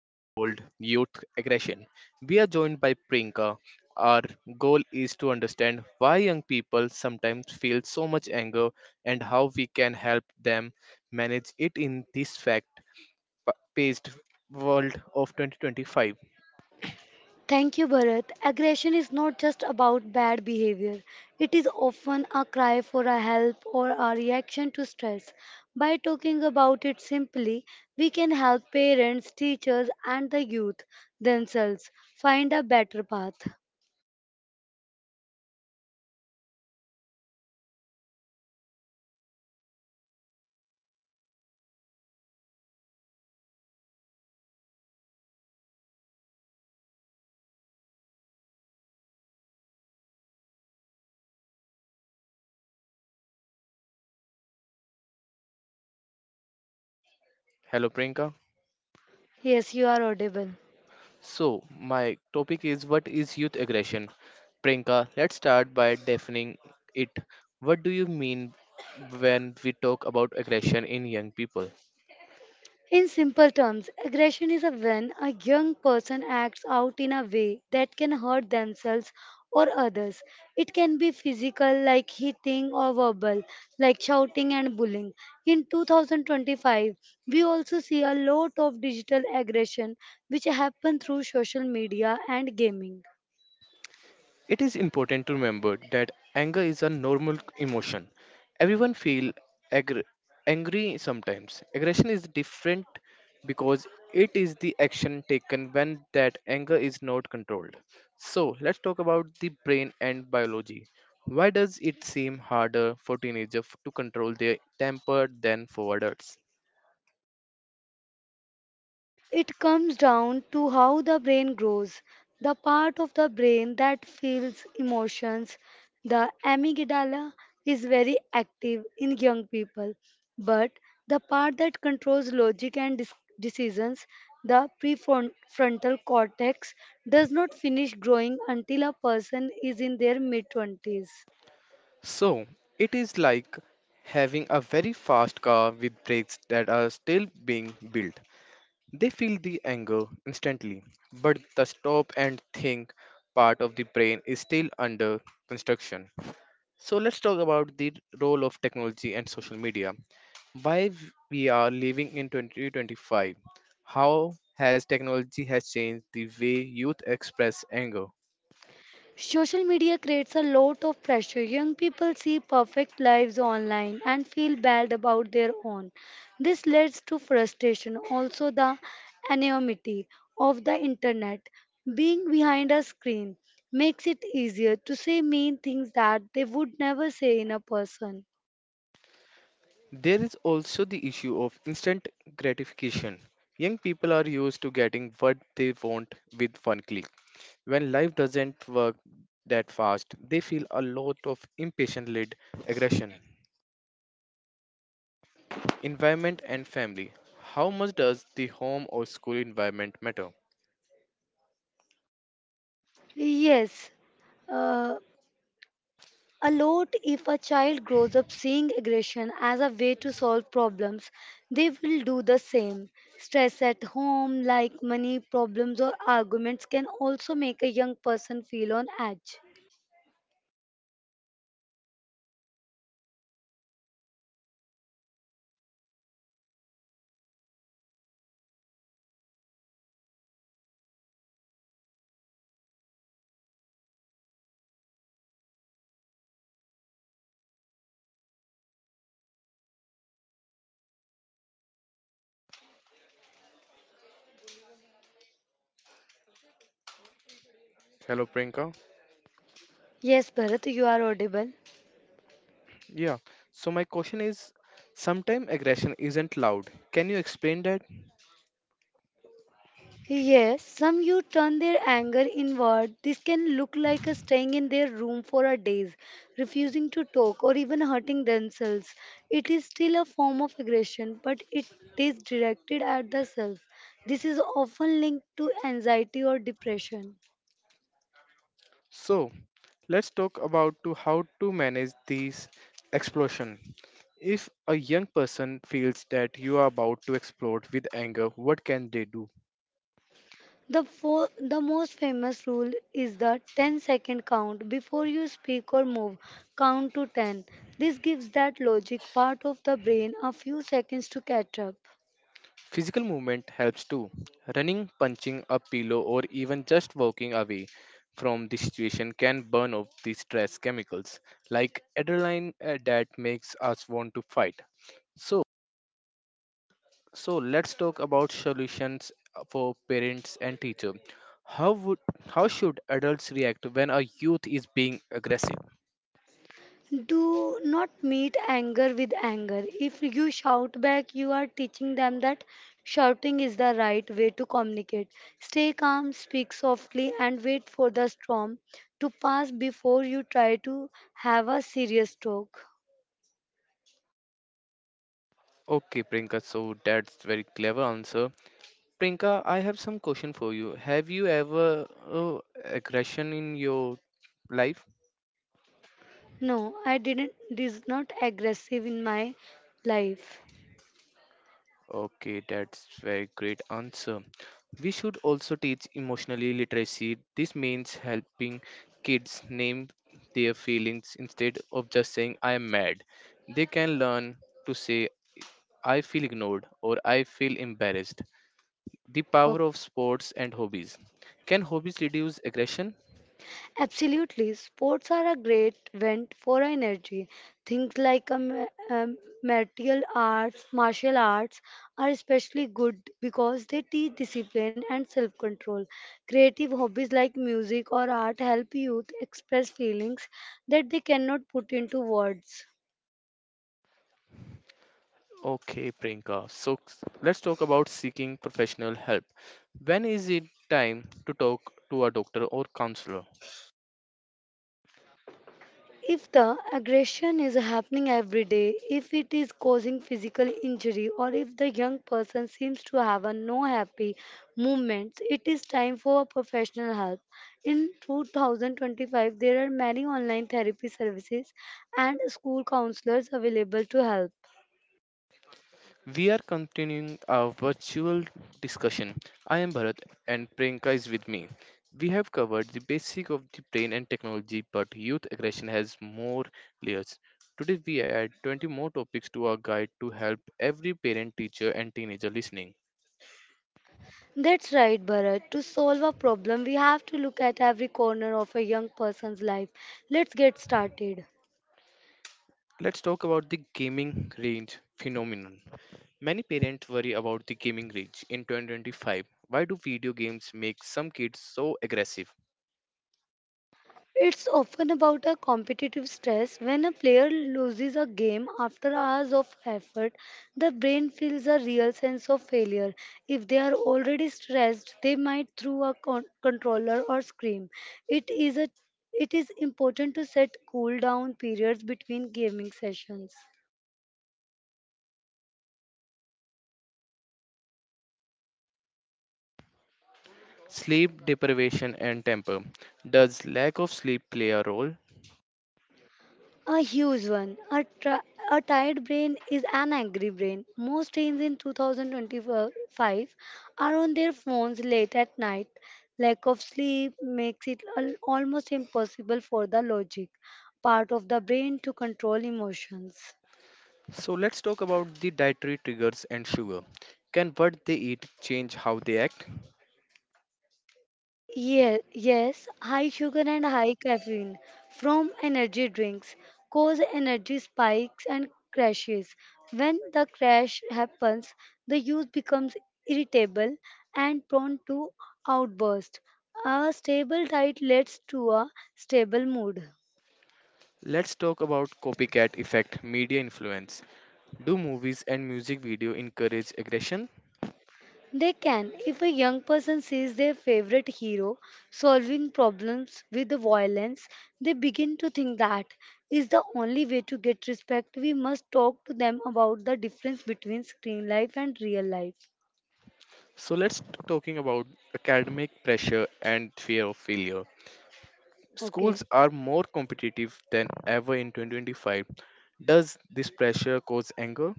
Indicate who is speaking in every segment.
Speaker 1: It's called youth aggression. We are joined by Prinka. Our goal is to understand why young people sometimes feel so much anger and how we can help them manage it in this fact-paced world of 2025.
Speaker 2: Thank you, Bharat. Aggression is not just about bad behavior. It is often a cry for a help or a reaction to stress. By talking about it simply, we can help parents, teachers, and the youth themselves find a better path.
Speaker 1: Hello, Prinka.
Speaker 2: Yes, you are audible.
Speaker 1: So, my topic is what is youth aggression? Priyanka, let's start by defining it. What do you mean when we talk about aggression in young people?
Speaker 2: In simple terms, aggression is a when a young person acts out in a way that can hurt themselves or others. It can be physical, like hitting, or verbal, like shouting and bullying. In 2025, we also see a lot of digital aggression which happen through social media and gaming.
Speaker 1: It is important to remember that anger is a normal emotion. Everyone feel agr- angry sometimes. Aggression is different because it is the action taken when that anger is not controlled. So, let's talk about the brain and biology. Why does it seem harder for teenagers to control their temper than for adults?
Speaker 2: It comes down to how the brain grows. The part of the brain that feels emotions, the amygdala, is very active in young people. But the part that controls logic and decisions, the prefrontal cortex, does not finish growing until a person is in their mid 20s.
Speaker 1: So, it is like having a very fast car with brakes that are still being built. They feel the anger instantly, but the stop and think part of the brain is still under construction. So let's talk about the role of technology and social media. We are living in 2025. How has technology has changed the way youth express anger?
Speaker 2: Social media creates a lot of pressure. Young people see perfect lives online and feel bad about their own. This leads to frustration, also, the anonymity of the internet. Being behind a screen makes it easier to say mean things that they would never say in a person.
Speaker 1: There is also the issue of instant gratification. Young people are used to getting what they want with one click. When life doesn't work that fast, they feel a lot of impatient led aggression. Environment and family. How much does the home or school environment matter?
Speaker 2: Yes, uh, a lot if a child grows up seeing aggression as a way to solve problems, they will do the same. Stress at home, like money problems or arguments, can also make a young person feel on edge.
Speaker 1: Hello, Prinka.
Speaker 2: Yes, Bharat, you are audible.
Speaker 1: Yeah, so my question is sometimes aggression isn't loud. Can you explain that?
Speaker 2: Yes, some you turn their anger inward. This can look like a staying in their room for a days, refusing to talk or even hurting themselves. It is still a form of aggression, but it is directed at the self. This is often linked to anxiety or depression.
Speaker 1: So, let's talk about to how to manage these explosion. If a young person feels that you are about to explode with anger, what can they do?
Speaker 2: The most famous rule is the ten-second count. Before you speak or move, count to 10. This gives that logic part of the brain a few seconds to catch up.
Speaker 1: Physical movement helps too. Running, punching a pillow, or even just walking away from the situation can burn off the stress chemicals like adrenaline that makes us want to fight. So, so, let's talk about solutions for parents and teacher. How would how should adults react when a youth is being aggressive?
Speaker 2: Do not meet anger with anger. If you shout back, you are teaching them that shouting is the right way to communicate. Stay calm, speak softly, and wait for the storm to pass before you try to have a serious talk.
Speaker 1: Okay, Priyanka, so that's very clever answer. Prinka, I have some question for you. Have you ever aggression in your life?
Speaker 2: No, I didn't. It is not aggressive in my life.
Speaker 1: Okay, that's very great answer. We should also teach emotionally literacy. This means helping kids name their feelings instead of just saying I am mad. They can learn to say I feel ignored or I feel embarrassed. The power of sports and hobbies. Can hobbies reduce aggression?
Speaker 2: Absolutely, sports are a great vent for energy. Things like martial arts are especially good because they teach discipline and self-control. Creative hobbies like music or art help youth express feelings that they cannot put into words.
Speaker 1: Okay, Priyanka. So, let's talk about seeking professional help. When is it time to talk to a doctor or counselor?
Speaker 2: If the aggression is happening every day, if it is causing physical injury, or if the young person seems to have a no happy movements, it is time for professional help. In 2025, there are many online therapy services and school counselors available to help.
Speaker 1: We are continuing our virtual discussion. I am Bharat and Priyanka is with me. We have covered the basic of the brain and technology, but youth aggression has more layers. Today we add 20 more topics to our guide to help every parent, teacher and teenager listening.
Speaker 2: That's right, Bharat. To solve a problem, we have to look at every corner of a young person's life. Let's get started.
Speaker 1: Let's talk about the gaming range phenomenon. Many parents worry about the gaming rage in 2025. Why do video games make some kids so aggressive?
Speaker 2: It's often about a competitive stress. When a player loses a game after hours of effort, the brain feels a real sense of failure. If they are already stressed, they might throw a controller or scream. It is a it is important to set cool down periods between gaming sessions.
Speaker 1: Sleep deprivation and temper. Does lack of sleep play a role?
Speaker 2: A huge one. A tired brain is an angry brain. Most teens in 2025 are on their phones late at night. Lack of sleep makes it almost impossible for the logic part of the brain to control emotions.
Speaker 1: So let's talk about the dietary triggers and sugar. Can what they eat change how they act?
Speaker 2: Yeah, yes, high sugar and high caffeine from energy drinks cause energy spikes and crashes. When the crash happens, the youth becomes irritable and prone to outbursts. A stable diet leads to a stable mood.
Speaker 1: Let's talk about copycat effect, media influence. Do movies and music video encourage aggression?
Speaker 2: They can, if a young person sees their favorite hero solving problems with the violence, they begin to think that is the only way to get respect. We must talk to them about the difference between screen life and real life.
Speaker 1: So let's talking about academic pressure and fear of failure. Schools
Speaker 2: Okay,
Speaker 1: are more competitive than ever in 2025. Does this pressure cause anger?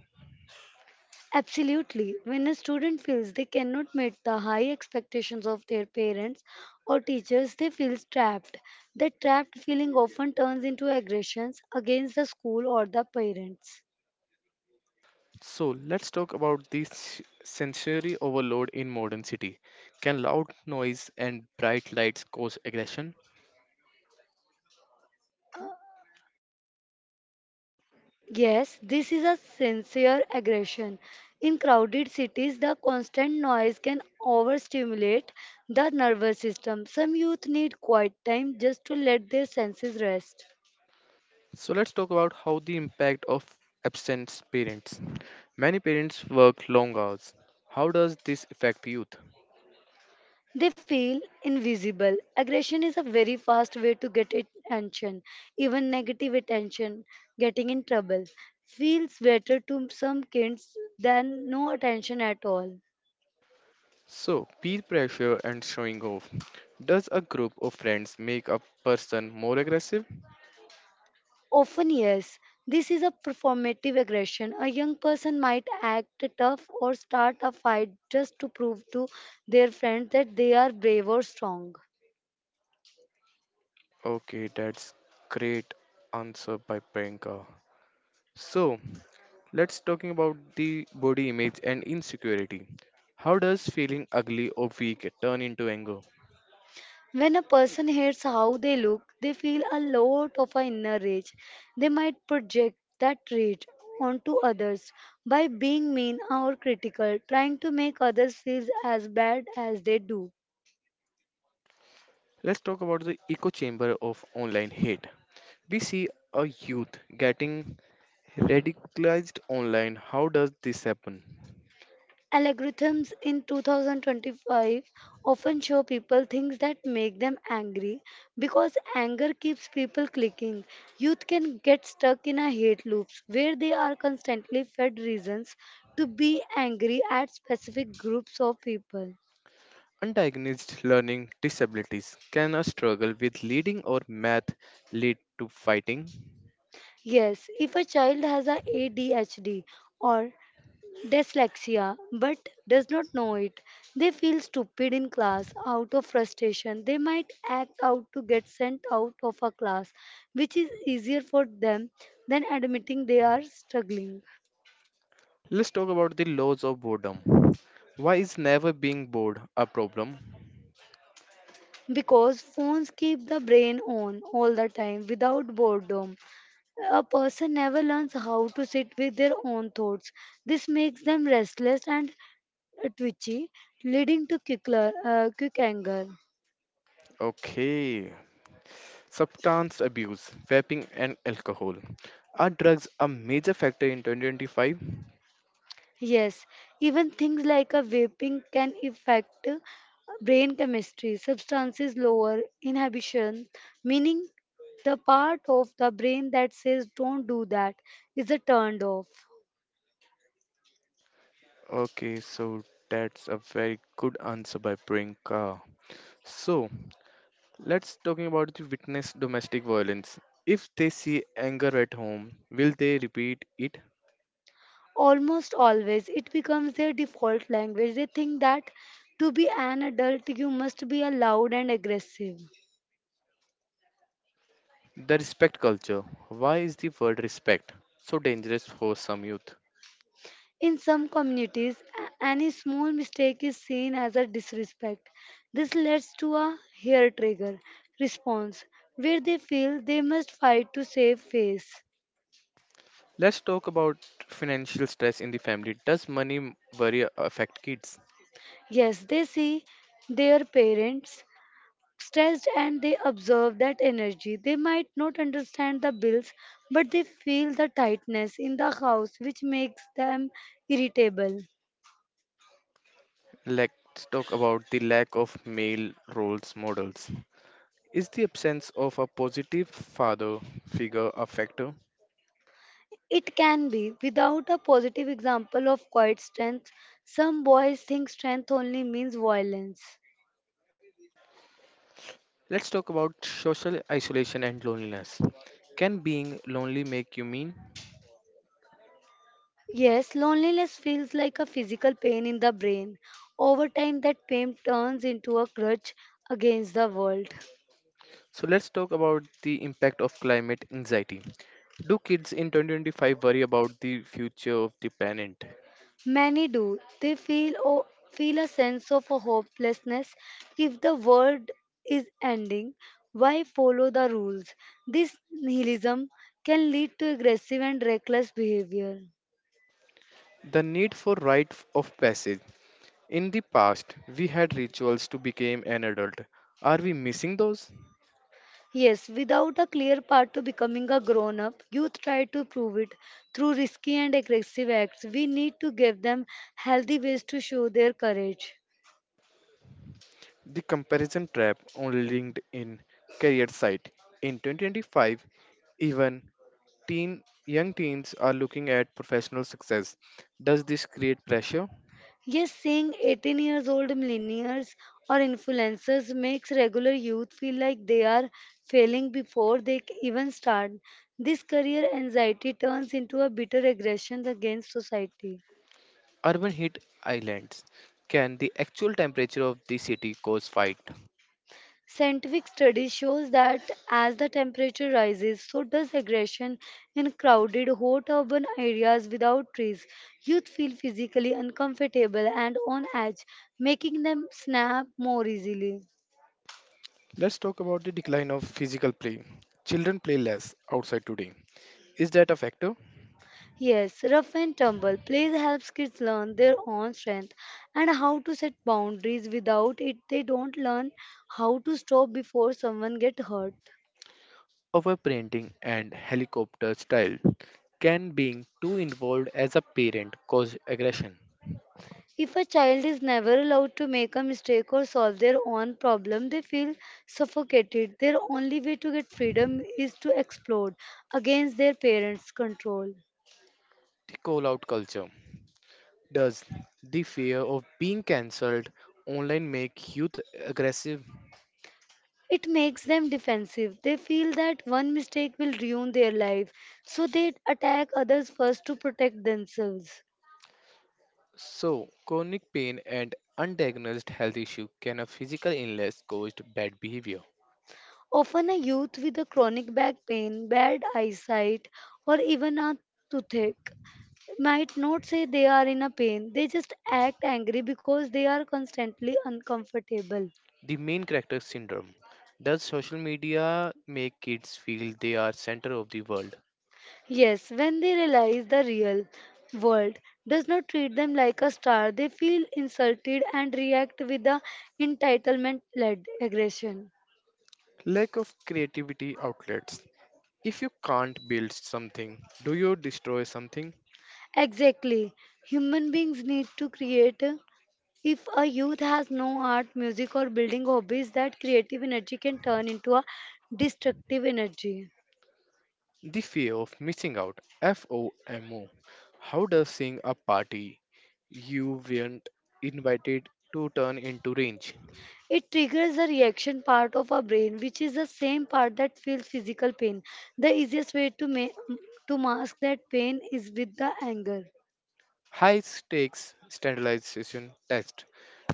Speaker 2: absolutely. When a student feels they cannot meet the high expectations of their parents or teachers, they feel trapped. That trapped feeling often turns into aggressions against the school or the parents.
Speaker 1: So let's talk about this sensory overload in modern city. Can loud noise and bright lights cause aggression?
Speaker 2: Yes, this is a sincere aggression. In crowded cities, the constant noise can overstimulate the nervous system. Some youth need quiet time just to let their senses rest.
Speaker 1: So let's talk about how the impact of absent parents. Many parents work long hours. How does this affect youth?
Speaker 2: They feel invisible. Aggression is a very fast way to get attention, even negative attention, getting in trouble. Feels better to some kids than no attention at all.
Speaker 1: So, peer pressure and showing off. Does a group of friends make a person more aggressive?
Speaker 2: Often, yes. This is a performative aggression. A young person might act tough or start a fight just to prove to their friends that they are brave or strong.
Speaker 1: Okay, that's great answer by Priyanka. So, let's talking about the body image and insecurity. How does feeling ugly or weak turn into anger?
Speaker 2: When a person hates how they look, they feel a lot of a inner rage. They might project that rage onto others by being mean or critical, trying to make others feel as bad as they do.
Speaker 1: Let's talk about the echo chamber of online hate. We see a youth getting radicalized online, how does this happen?
Speaker 2: Algorithms in 2025 often show people things that make them angry because anger keeps people clicking. Youth can get stuck in a hate loops where they are constantly fed reasons to be angry at specific groups of people.
Speaker 1: Undiagnosed learning disabilities, can a struggle with reading or math lead to fighting?
Speaker 2: Yes, if a child has a ADHD or dyslexia but does not know it. They feel stupid in class out of frustration. They might act out to get sent out of a class, which is easier for them than admitting they are struggling
Speaker 1: Let's talk about the laws of boredom. Why is never being bored a problem?
Speaker 2: because phones keep the brain on all the time without boredom. A person never learns how to sit with their own thoughts. This makes them restless and twitchy, leading to quick, quick anger.
Speaker 1: Okay. Substance abuse, vaping, and alcohol. Are drugs a major factor in 2025?
Speaker 2: Yes, even things like a vaping can affect brain chemistry. Substances lower inhibition, meaning the part of the brain that says don't do that is a turned off.
Speaker 1: Okay, so that's a very good answer by Priyanka. So, let's talking about the witness domestic violence. If they see anger at home, will they repeat it?
Speaker 2: Almost always, it becomes their default language. They think that to be an adult, you must be a loud and aggressive.
Speaker 1: The respect culture. Why is the word respect so dangerous for some youth?
Speaker 2: In some communities, any small mistake is seen as a disrespect. This leads to a hair trigger response where they feel they must fight to save face.
Speaker 1: Let's talk about financial stress in the family. Does money worry affect kids?
Speaker 2: Yes, they see their parents stressed and they observe that energy. They might not understand the bills, but they feel the tightness in the house, which makes them irritable.
Speaker 1: Let's talk about the lack of male roles models. Is the absence of a positive father figure a factor?
Speaker 2: It can be. Without a positive example of quiet strength, some boys think strength only means violence.
Speaker 1: Let's talk about social isolation and loneliness. Can being lonely make you mean?
Speaker 2: Yes, loneliness feels like a physical pain in the brain. Over time, that pain turns into a grudge against the world.
Speaker 1: So let's talk about the impact of climate anxiety. Do kids in 2025 worry about the future of the planet?
Speaker 2: Many do. They feel o feel a sense of a hopelessness if the world is ending. Why follow the rules? This nihilism can lead to aggressive and reckless behavior.
Speaker 1: The need for rite of passage. In the past, we had rituals to become an adult. Are we missing those?
Speaker 2: Yes, without a clear path to becoming a grown up, youth try to prove it through risky and aggressive acts. We need to give them healthy ways to show their courage.
Speaker 1: The comparison trap only on in career site. In 2025, even teen young teens are looking at professional success. Does this create pressure?
Speaker 2: Yes, seeing 18 years old millennials or influencers makes regular youth feel like they are failing before they even start. This career anxiety turns into a bitter aggression against society.
Speaker 1: Urban heat islands. Can the actual temperature of the city cause fight?
Speaker 2: Scientific study shows that as the temperature rises, so does aggression in crowded, hot urban areas without trees. Youth feel physically uncomfortable and on edge, making them snap more easily.
Speaker 1: Let's talk about the decline of physical play. Children play less outside today. Is that a factor?
Speaker 2: Yes, rough and tumble plays helps kids learn their own strength and how to set boundaries. Without it, they don't learn how to stop before someone gets hurt.
Speaker 1: Overparenting and helicopter style. Can being too involved as a parent cause aggression?
Speaker 2: If a child is never allowed to make a mistake or solve their own problem, they feel suffocated. Their only way to get freedom is to explode against their parents' control.
Speaker 1: The call out culture. Does the fear of being cancelled online make youth aggressive?
Speaker 2: It makes them defensive. They feel that one mistake will ruin their life, so they attack others first to protect themselves.
Speaker 1: So, chronic pain and undiagnosed health issue, can a physical illness caused bad behavior.
Speaker 2: Often, a youth with a chronic back pain, bad eyesight, or even a toothache might not say they are in a pain. They just act angry because they are constantly uncomfortable.
Speaker 1: The main character syndrome. Does social media make kids feel they are center of the world?
Speaker 2: Yes, when they realize the real world does not treat them like a star, they feel insulted and react with the entitlement led aggression.
Speaker 1: Lack of creativity outlets. If you can't build something, do you destroy something?
Speaker 2: Exactly. Human beings need to create. If a youth has no art, music, or building hobbies, that creative energy can turn into a destructive energy.
Speaker 1: The fear of missing out. FOMO. How does seeing a party you weren't invited to turn into rage?
Speaker 2: It triggers the reaction part of our brain, which is the same part that feels physical pain. The easiest way to mask that pain is with the anger.
Speaker 1: High stakes standardization test.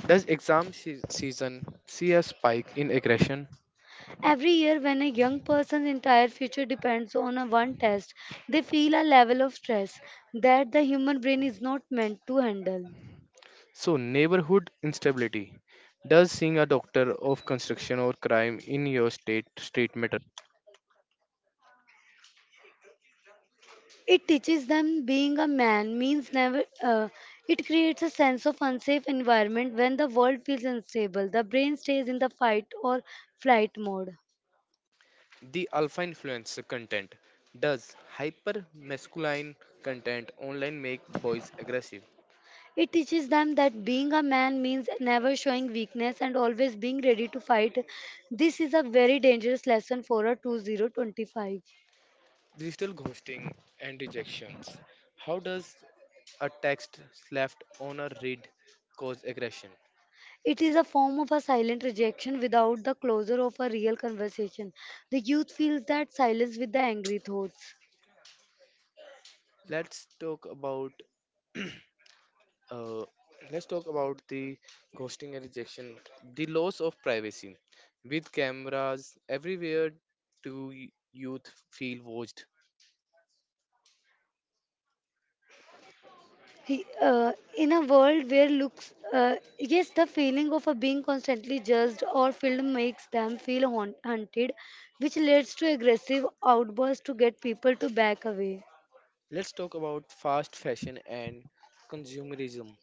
Speaker 1: Does exam season see a spike in aggression?
Speaker 2: Every year, when a young person's entire future depends on a one test, they feel a level of stress that the human brain is not meant to handle.
Speaker 1: So, neighborhood instability. Does seeing a doctor of construction or crime in your state street matter?
Speaker 2: It teaches them being a man means never. It creates a sense of unsafe environment when the world feels unstable. The brain stays in the fight or flight mode.
Speaker 1: The alpha influence content. Does hyper masculine content online make boys aggressive?
Speaker 2: It teaches them that being a man means never showing weakness and always being ready to fight. This is a very dangerous lesson for a 2025.
Speaker 1: Digital ghosting and rejections. How does a text left on a read cause aggression?
Speaker 2: It is a form of a silent rejection without the closure of a real conversation. The youth feels that silence with the angry thoughts.
Speaker 1: Let's talk about Uh, let's talk about the ghosting and rejection, the loss of privacy. With cameras everywhere, youth feel watched?
Speaker 2: In a world where yes, the feeling of a being constantly judged or filmed makes them feel hunted, which leads to aggressive outbursts to get people to back away.
Speaker 1: Let's talk about fast fashion and consumerism.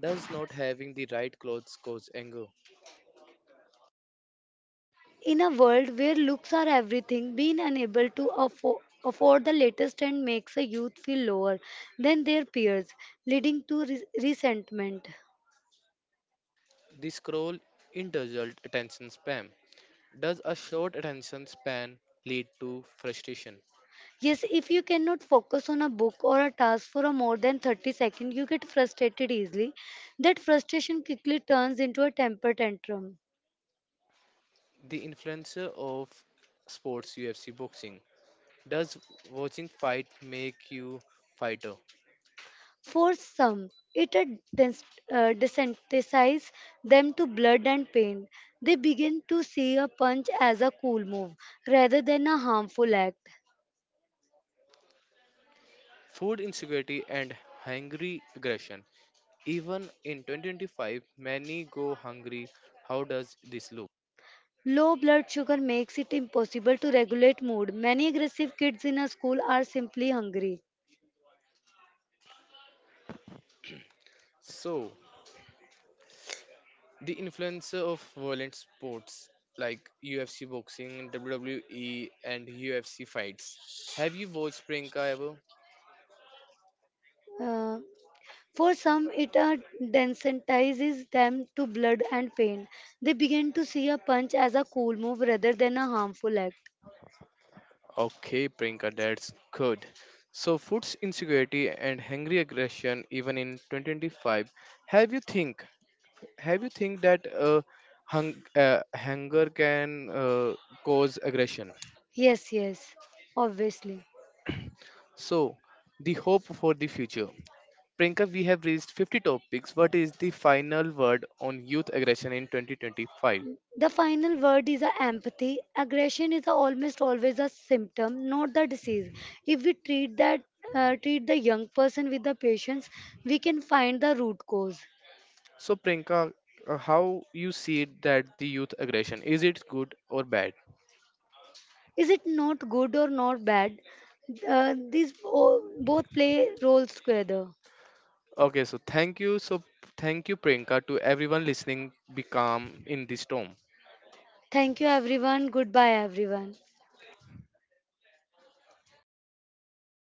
Speaker 1: Does not having the right clothes cause anger?
Speaker 2: In a world where looks are everything, being unable to afford the latest trend makes a youth feel lower than their peers, leading to resentment.
Speaker 1: The scroll indulgent attention span. Does a short attention span lead to frustration?
Speaker 2: Yes, if you cannot focus on a book or a task for a more than 30 seconds, you get frustrated easily. That frustration quickly turns into a temper tantrum.
Speaker 1: The influencer of sports UFC boxing. Does watching fight make you fighter?
Speaker 2: For some, it desensitizes them to blood and pain. They begin to see a punch as a cool move rather than a harmful act.
Speaker 1: Food insecurity and hungry aggression. Even in 2025, many go hungry. How does this look?
Speaker 2: Low blood sugar makes it impossible to regulate mood. Many aggressive kids in a school are simply hungry.
Speaker 1: So, the influence of violent sports like UFC boxing, WWE, and UFC fights. Have you watched Priyanka ever?
Speaker 2: Uh, For some, it desensitizes them to blood and pain. They begin to see a punch as a cool move rather than a harmful act.
Speaker 1: Okay, Priyanka, that's good. So, food insecurity and hungry aggression, even in 2025. Have you think have you think that hunger can cause aggression?
Speaker 2: Yes, yes, obviously.
Speaker 1: So, the hope for the future. Prinka, we have raised 50 topics. What is the final word on youth aggression in 2025?
Speaker 2: The final word is a empathy. Aggression is a almost always a symptom, not the disease. If we treat that, treat the young person with the patience, we can find the root cause.
Speaker 1: So, Prinka, how you see that the youth aggression, is it good or bad?
Speaker 2: Is it not good or not bad? These both play roles together.
Speaker 1: Okay, so thank you. So thank you, Prinka. To everyone listening, be calm in this storm.
Speaker 2: Thank you, everyone. Goodbye, everyone.